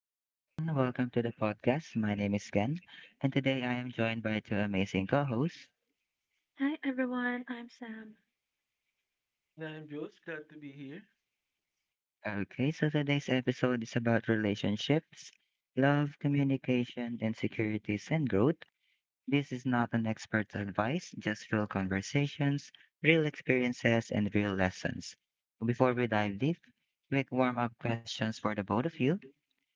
Hey everyone, welcome to the podcast. My name is Ken, and today I am joined by two amazing co hosts. Hi everyone, I'm Sam. And I'm Jules. Glad to be here. Okay, so today's episode is about relationships, love, communication, insecurities, and growth. This is not an expert's advice, just real conversations, real experiences, and real lessons. Before we dive deep, quick warm up questions for the both of you.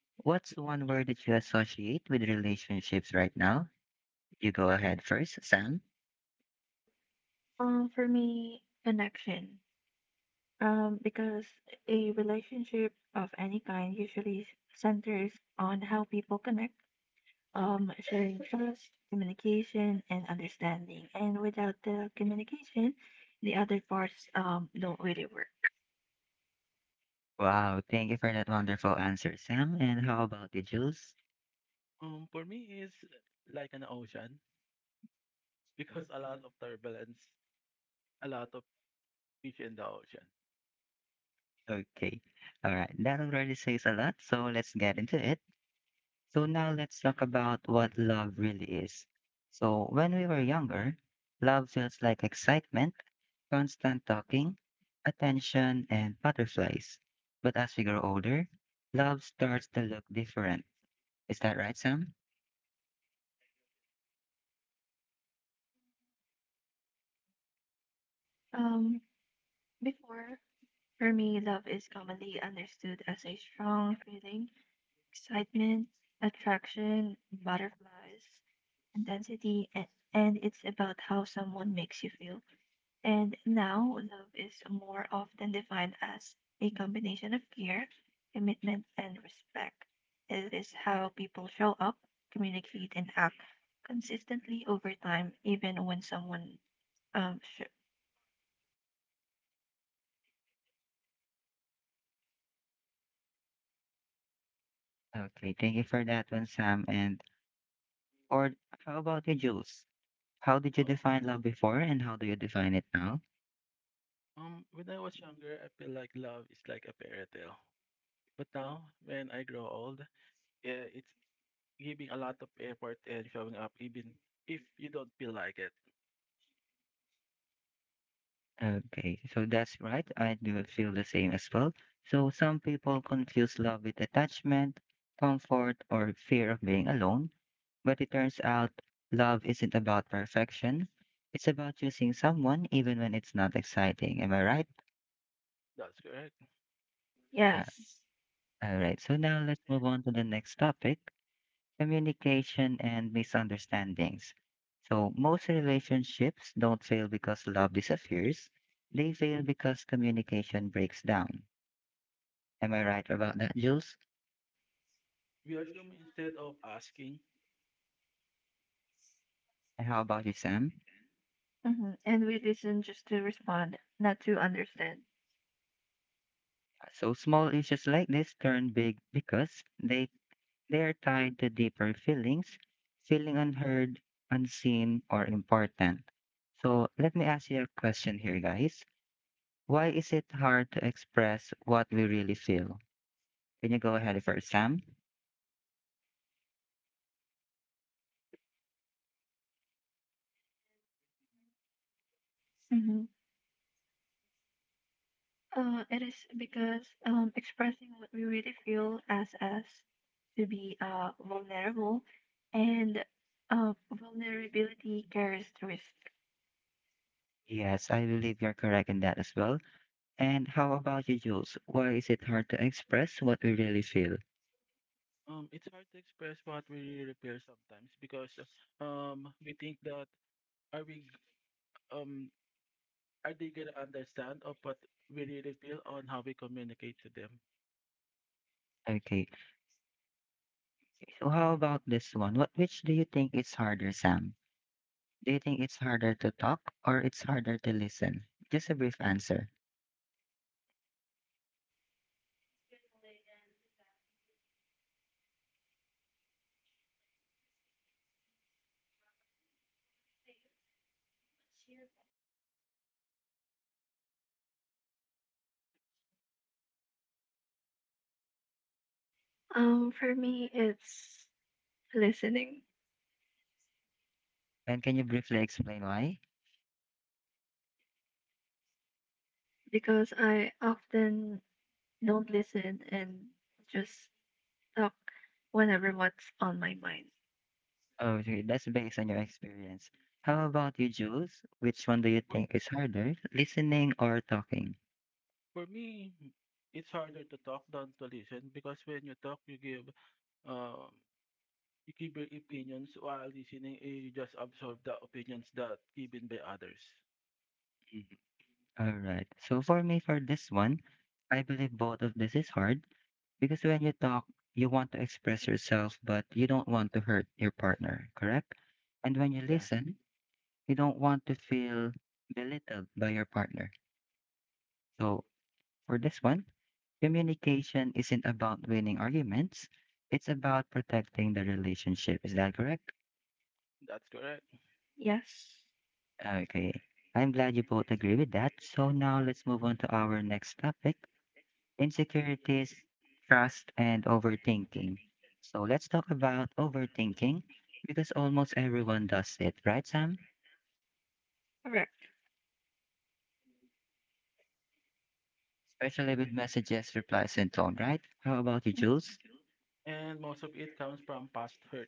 What's one word that you associate with relationships right now? You go ahead first, Sam. For me, connection. Because a relationship of any kind usually centers on how people connect, sharing trust, communication, and understanding. And without the communication, the other parts don't really work. Wow, thank you for that wonderful answer, Sam. And how about you, Jules? For me, it's like an ocean because a lot of turbulence, a lot of fish in the ocean. Okay, all right, that already says a lot, so let's get into it. So, now let's talk about what love really is. So, when we were younger, love feels like excitement, constant talking, attention, and butterflies. But as we grow older, love starts to look different. Is that right, Sam? Um, before, for me, love is commonly understood as a strong feeling, excitement, attraction, butterflies, intensity and it's about how someone makes you feel. And now, love is more often defined as a combination of care, commitment, and respect. It is how people show up, communicate, and act consistently over time, even when um, sh- Okay, thank you for that one, Sam. And, or how about you, Jules? How did you Oh, define love before and how do you define it now? When I was younger, I feel like love is like a fairy tale. But now, when I grow old, yeah, it's giving a lot of effort and showing up even if you don't feel like it. Okay, so that's right. I do feel the same as well. So some people confuse love with attachment, comfort, or fear of being alone, but it turns out love isn't about perfection. It's about choosing someone even when it's not exciting. Am I right? That's correct. Uh, yes, all right, so now let's move on to the next topic. Communication, and misunderstandings. So, most relationships don't fail because love disappears, they fail because communication breaks down. Am I right about that, Jules? We assume instead of asking. And how about you, Sam? And we listen just to respond, not to understand. So, small issues like this turn big because they are tied to deeper feelings, feeling unheard, unseen, or important. So, let me ask you a question here, guys. Why is it hard to express what we really feel? Can you go ahead first, Sam? Mm-hmm. It is because expressing what we really feel as us to be vulnerable and vulnerability carries risk. Yes, I believe you're correct in that as well. And how about you, Jules? Why is it hard to express what we really feel? It's hard to express what we really feel sometimes because we think that are we g- um are they gonna understand of what we really feel on how we communicate to them? Okay, so how about this one? What which do you think is harder, Sam? Do you think it's harder to talk or it's harder to listen? Just a brief answer. For me, it's listening And can you briefly explain why? because I often don't listen and just talk whenever what's on my mind. Oh, okay, that's based on your experience. How about you, Jules? Which one do you For, think is harder, listening or talking? for me, it's harder to talk than to listen because when you talk, um you give your opinions while listening, eh, you just absorb the opinions that given by others. Mhm. All right. So for me, for this one, I believe both of this is hard. Because when you talk, you want to express yourself, but you don't want to hurt your partner, correct? And when you Yeah, listen, you don't want to feel belittled by your partner. So, for this one, communication isn't about winning arguments, it's about protecting the relationship. Is that correct? that's correct. Yes, Okay. I'm glad you both agree with that. So, now let's move on to our next topic, insecurities, trust, and overthinking. So let's talk about overthinking because almost everyone does it, right, Sam? correct. Especially with messages, replies, and tone, right? How about you, Jules? And most of it comes from past hurt.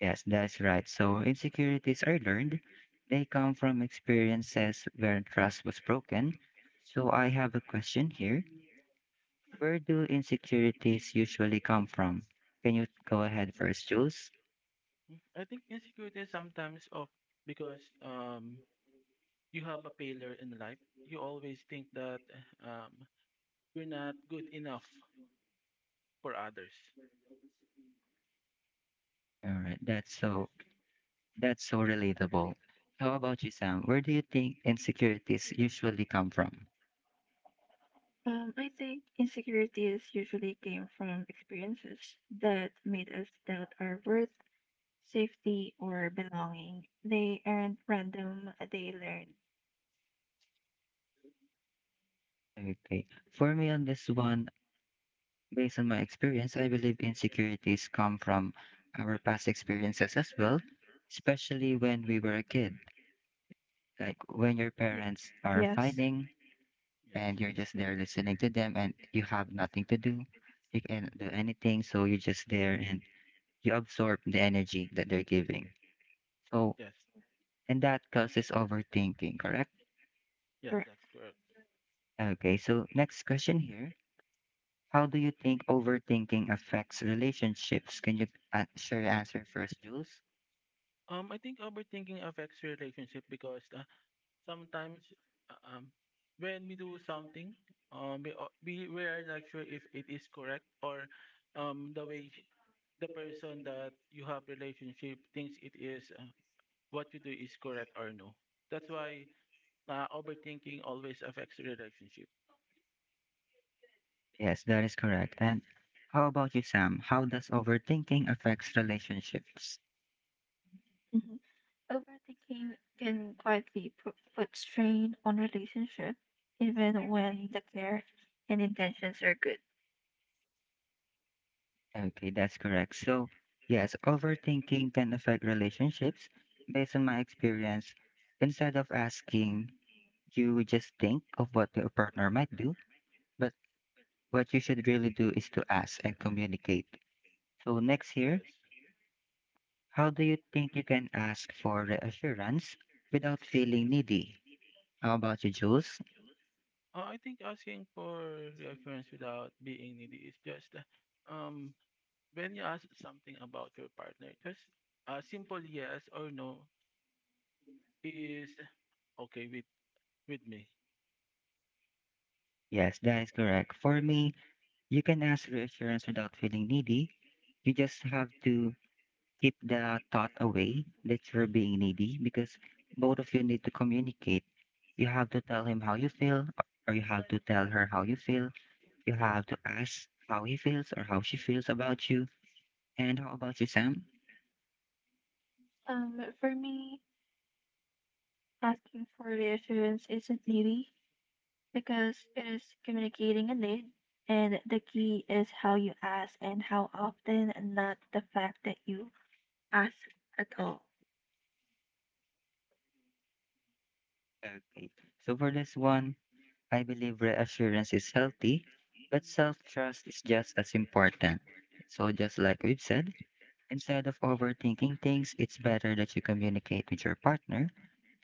Yes, that's right. So insecurities are learned. They come from experiences where trust was broken. So I have a question here. Where do insecurities usually come from? Can you go ahead first, Jules? Mm, I think insecurity is sometimes of because you have a failure in life. You always think that um you're not good enough for others. All right, that's so. That's so relatable. How about you, Sam? Where do you think insecurities usually come from? I think insecurities usually came from experiences that made us doubt our worth safety, or belonging. They aren't random, they learn. Okay. For me, on this one, based on my experience, I believe insecurities come from our past experiences as well, especially when we were a kid. Like when your Y- parents are Yes, fighting and Yes, you're that's just true. there listening to them and you have nothing to do, you can't do anything, so you're just there and you absorb the energy that they're giving. So, Yes, and that causes overthinking, correct? yes, correct. that's correct. Okay, so next question here. How do you think overthinking affects relationships? Can you share your answer first, Jules? I think overthinking affects relationship because sometimes uh, um when we do something, we o- we we are not sure if it is correct or um the way sh- the person that you have relationship thinks it is what you do is correct or no. That's why overthinking always affects relationship. Yes, that is correct. And how about you, Sam? How does overthinking affects relationships? Mhm. Overthinking can quietly put strain on relationship, even when the care and intentions are good. Okay, that's correct. So, yes, overthinking can affect relationships. Based on my experience, instead of asking, you just think of what your partner might do, but what you should really do is to ask and communicate. So, next here, Yes. how do you think you can ask for reassurance without feeling needy? How about you, Jules? I think asking for reassurance without being needy is just um when you ask something about your partner, just a simple yes or no is okay with me. Yes, that is correct. For me, you can ask reassurance without feeling needy. You just have to keep the thought away that you're being needy because both of you need to communicate. You have to tell him how you feel, or you have to tell her how you feel. You have to ask how he feels or how she feels about you. And how about you, Sam? For me, asking for reassurance isn't needy because it is communicating a need, and the key is how you ask and how often, and not the fact that you ask at all. Okay. So for this one, I believe reassurance is healthy, but self trust is just as important. So, just like we've said, instead of overthinking things, it's better that you communicate with your partner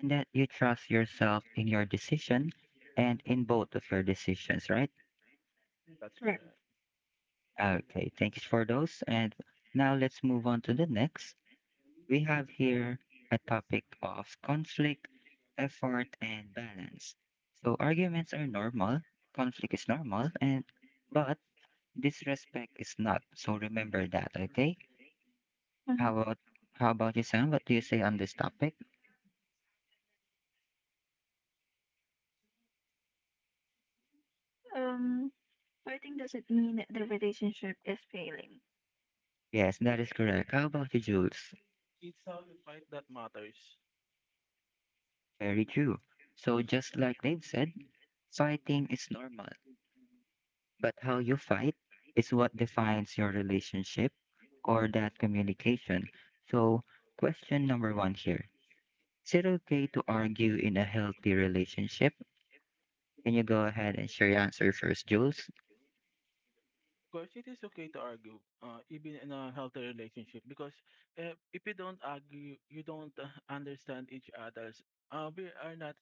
and that you trust yourself in your decision and in both of your decisions, right? That's Correct. correct. Okay, thank you for those. And now let's move on to the next. We have here a topic of conflict, effort, and balance. So, arguments are normal, conflict is normal, and but disrespect is not, so remember that, okay? Mhm. How about how about you, Sam? What do you say on this topic? Um, Fighting doesn't mean the relationship is failing. Yes, that is correct. How about you, Jules? It's how you fight that matters. Very true. So just like they've said, fighting is normal, but how you fight is what defines your relationship or that communication. So question number one here. Is it okay to argue in a healthy relationship? Can you go ahead and share your answer first, Jules? Of course, it is okay to argue, even in a healthy relationship, because if you don't argue, you don't understand each other's. We are not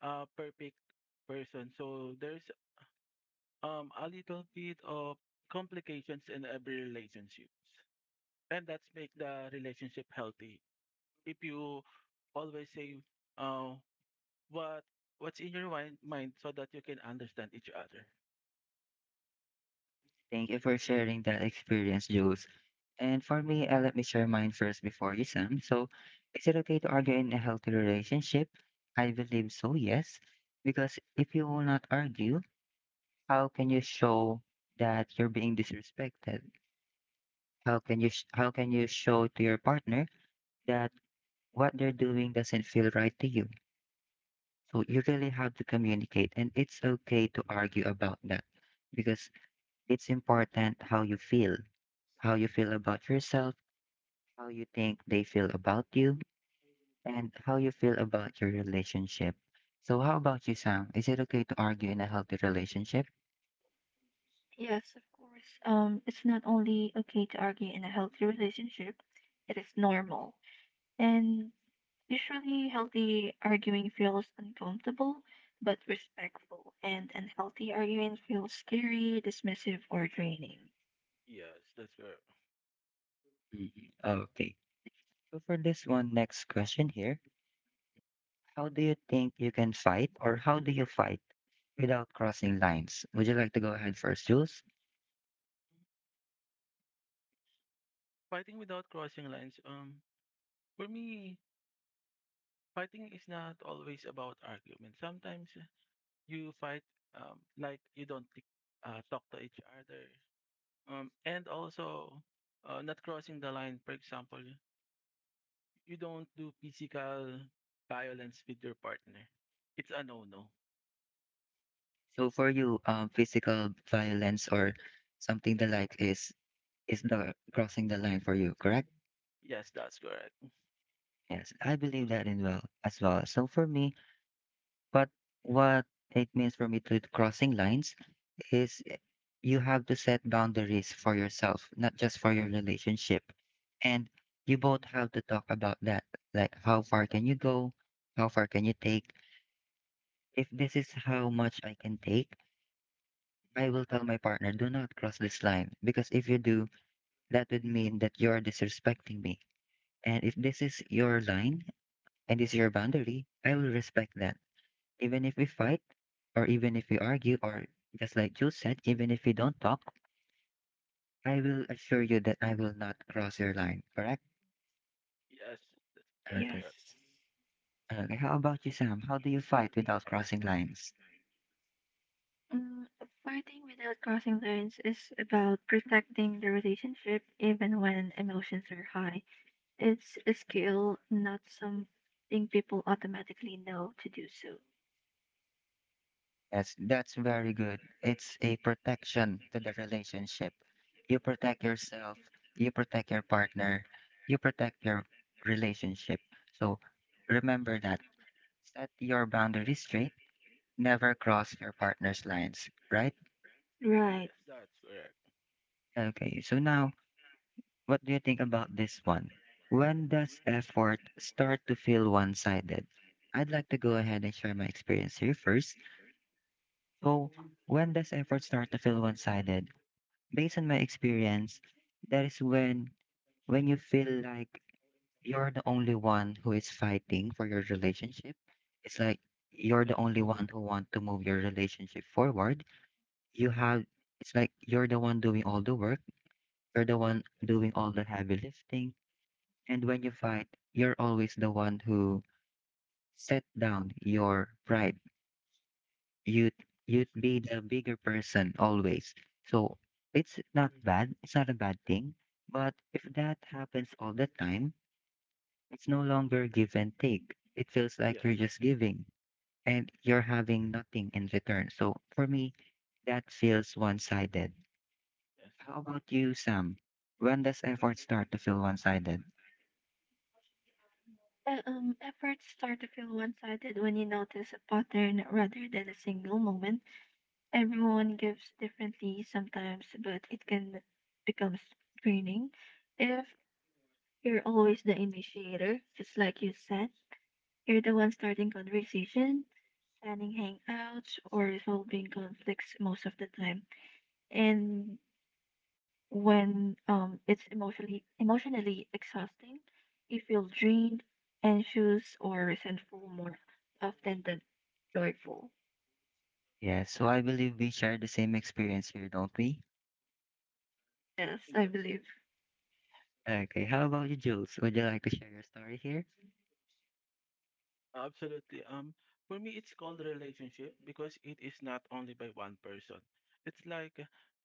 a perfect person, so there's a little bit of complications in every relationships, and that's make the relationship healthy. If you always say uh, what what's in your mind so that you can understand each other. Thank you for sharing that experience, Jules. And for me, let me share mine first before you, Sam. So, is it okay to argue in a healthy relationship? I believe so, yes. Because if you will not argue, how can you show that you're being disrespected? How can you how can you show to your partner that what they're doing doesn't feel right to you? So you really have to communicate, and it's okay to argue about that because it's important how you feel about yourself, how you think they feel about you and how you feel about your relationship. So, how about you, Sam? Is it okay to argue in a healthy relationship? Yes, of course. It's not only okay to argue in a healthy relationship, it is normal. And usually, healthy arguing feels uncomfortable but respectful, and unhealthy arguing feels scary, dismissive, or draining. Yes, that's where Mhm. Okay. So, for this one, next question here. How do you think you can fight, or how do you fight without crossing lines? Would you like to go ahead first, Jules? fighting without crossing lines. For me, fighting is not always about argument. Sometimes you fight like you don't talk to each other. And also not crossing the line. For example, you don't do physical violence with your partner. It's a no-no. So, for you, physical violence or something the like is the crossing the line for you, correct? Yes, that's correct. Yes, I believe that in well as well. So for me, but what it means for me to crossing lines is you have to set boundaries for yourself, not just for your relationship. And you both have to talk about that. Like, how far can you go? How far can you take? If this is how much I can take, I will tell my partner, do not cross this line. Because if you do, that would mean that you're disrespecting me. And if this is your line and this is your boundary, I will respect that. Even if we fight, or even if we argue, or just like you said, even if we don't talk, I will assure you that I will not cross your line, correct? Yes, that's very Okay. correct. Yes. Okay. How about you, Sam? How do you fight without crossing lines? Um, fighting without crossing lines is about protecting the relationship even when emotions are high. It's a skill, not something people automatically know to do so. Yes, that's very good. It's a protection to the relationship. You protect yourself, you protect your partner, you protect your relationship. So remember that. Set your Yes, boundaries straight, never cross your partner's lines, right? Right. yes, that's correct. Okay, so now what do you think about this one? When does effort start to feel one sided? I'd like to go ahead and share my experience here first. So, when does effort start to feel one sided? Based on my experience, that is when you feel like you're the only one who is fighting for your relationship. It's like you're the Yes, only one who want to move your relationship forward. You have it's like you're the one doing all the work. You're the one yes, doing all the heavy lifting. And when you fight, you're always the one who set down your pride. You'd you'd yes. be the bigger person always. So it's not Mm. bad. It's not a bad thing. But if that happens all the time, it's no longer give and take. It feels like Yes, you're just giving and you're having nothing in return. So for me, that feels one-sided. yes, How about you, Sam? When does effort start to feel one-sided? Efforts start to feel one sided when you notice a pattern rather than a single moment. Everyone gives differently sometimes, but it can become draining. If you're always the initiator, just like you said, you're the one starting conversation, planning hangouts, or resolving conflicts most of the time. And when it's emotionally exhausting. You feel drained, anxious, or resentful more often than joyful. Yes, so I believe we share the same experience here, don't we? Yes, I yes. believe. Okay, how about you, Jules? Would you like to share your story here? Absolutely. For me, it's called relationship because it is not only by one person. It's like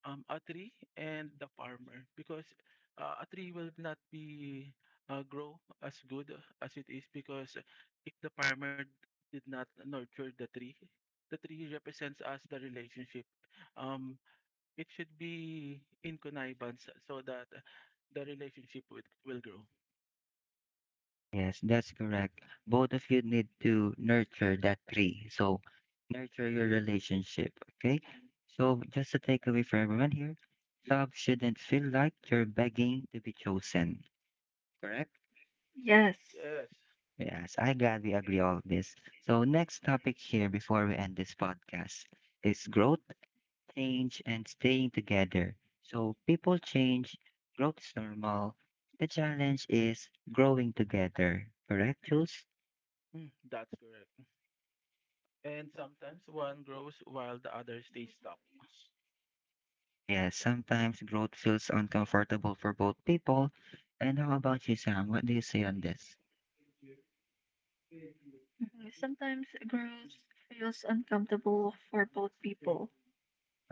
a tree and the farmer because a tree will not be grow as good as it is because if the farmer did not nurture the tree represents us the relationship. Um, it should be in connivance so that the relationship would will grow. Yes, that's correct. Both of you need to nurture that tree. So, nurture your relationship, okay? So, just a takeaway for everyone here, love shouldn't feel like you're begging to be chosen, correct? Yes. Yes. Yes, I glad we agree all of this. So, next topic here before we end this podcast is growth, change and staying together. So people change, growth is normal. The challenge is growing together. Correct, Jules? Mm, that's correct. And sometimes one grows while the other stays stuck. Yes, sometimes growth feels uncomfortable for both people. And how about you, Sam? What do you say on this? Mhm. Sometimes growth feels uncomfortable for both people.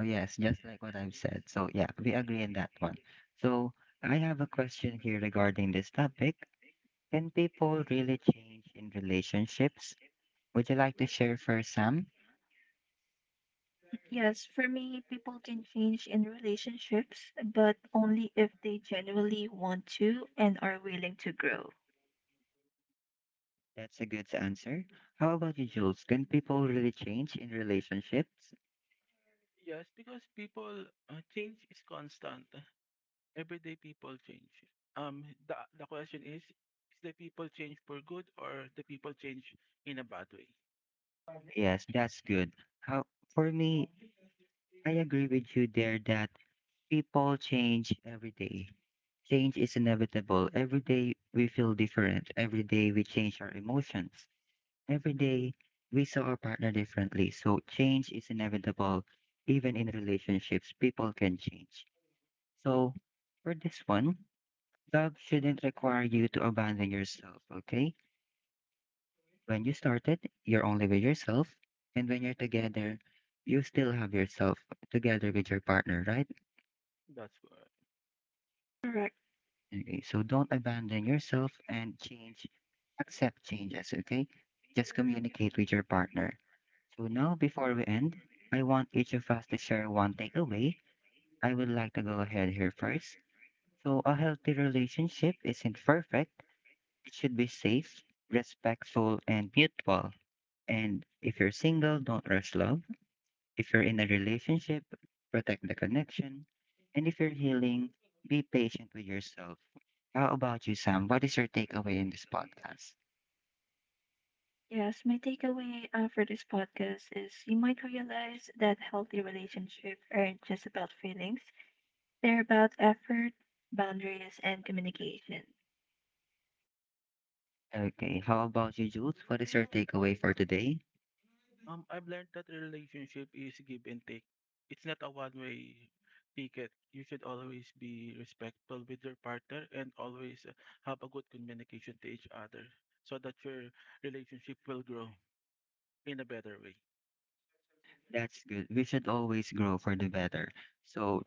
Oh, yes, just like what I've said. So, yeah, we agree on that one. So, I have a question here regarding this topic. Can people really change in relationships? Would you like to share first, Sam? Yes, for me, people can change in relationships, but only if they genuinely want to and are willing to grow. That's a good answer. How about you, Jules? Can people really change in relationships? Yes, because people change is constant. Everyday people change. The question is the people change for good or the people change in a bad way? Yes, that's good. How for me, I agree with you there that people change every day. Change is inevitable. Every day we feel different. Every day we change our emotions. Every day we saw our partner differently. So change is inevitable. Even in relationships, people can change. So for this one, love shouldn't require you to abandon yourself, okay? When you started, you're only with yourself, and when you're together, you still have yourself together with your partner, right? That's correct. Correct. Okay, so don't abandon yourself and change, accept changes, okay? Just communicate with your partner. So now, Hmm. before we end, I want each of us to share one takeaway. I would like to go ahead here first. So, a healthy relationship isn't perfect, it should be safe, respectful, and mutual. And if you're single, don't rush love. If you're in a relationship, protect the connection. And if you're healing, be patient with yourself. How about you, Sam? What is your takeaway in this podcast? Yes, my takeaway for this podcast is you might realize that healthy relationships aren't just about feelings, they're about effort, boundaries, and communication. Okay, how about you, Jules? What is your takeaway for today? I've learned that relationship is give and take. It's not a one way ticket. You should always be respectful with your partner and always have a good communication to each other so that your relationship will grow in a better way. That's good. We should always grow for the better. So,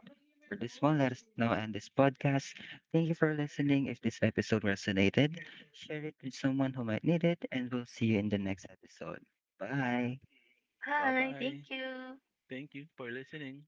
for this one, let us now end this podcast. Thank you for listening. If this episode resonated, share it with someone who might need it, and we'll see you in the next episode. Bye. Bye Hi, thank bye. you. Thank you for listening.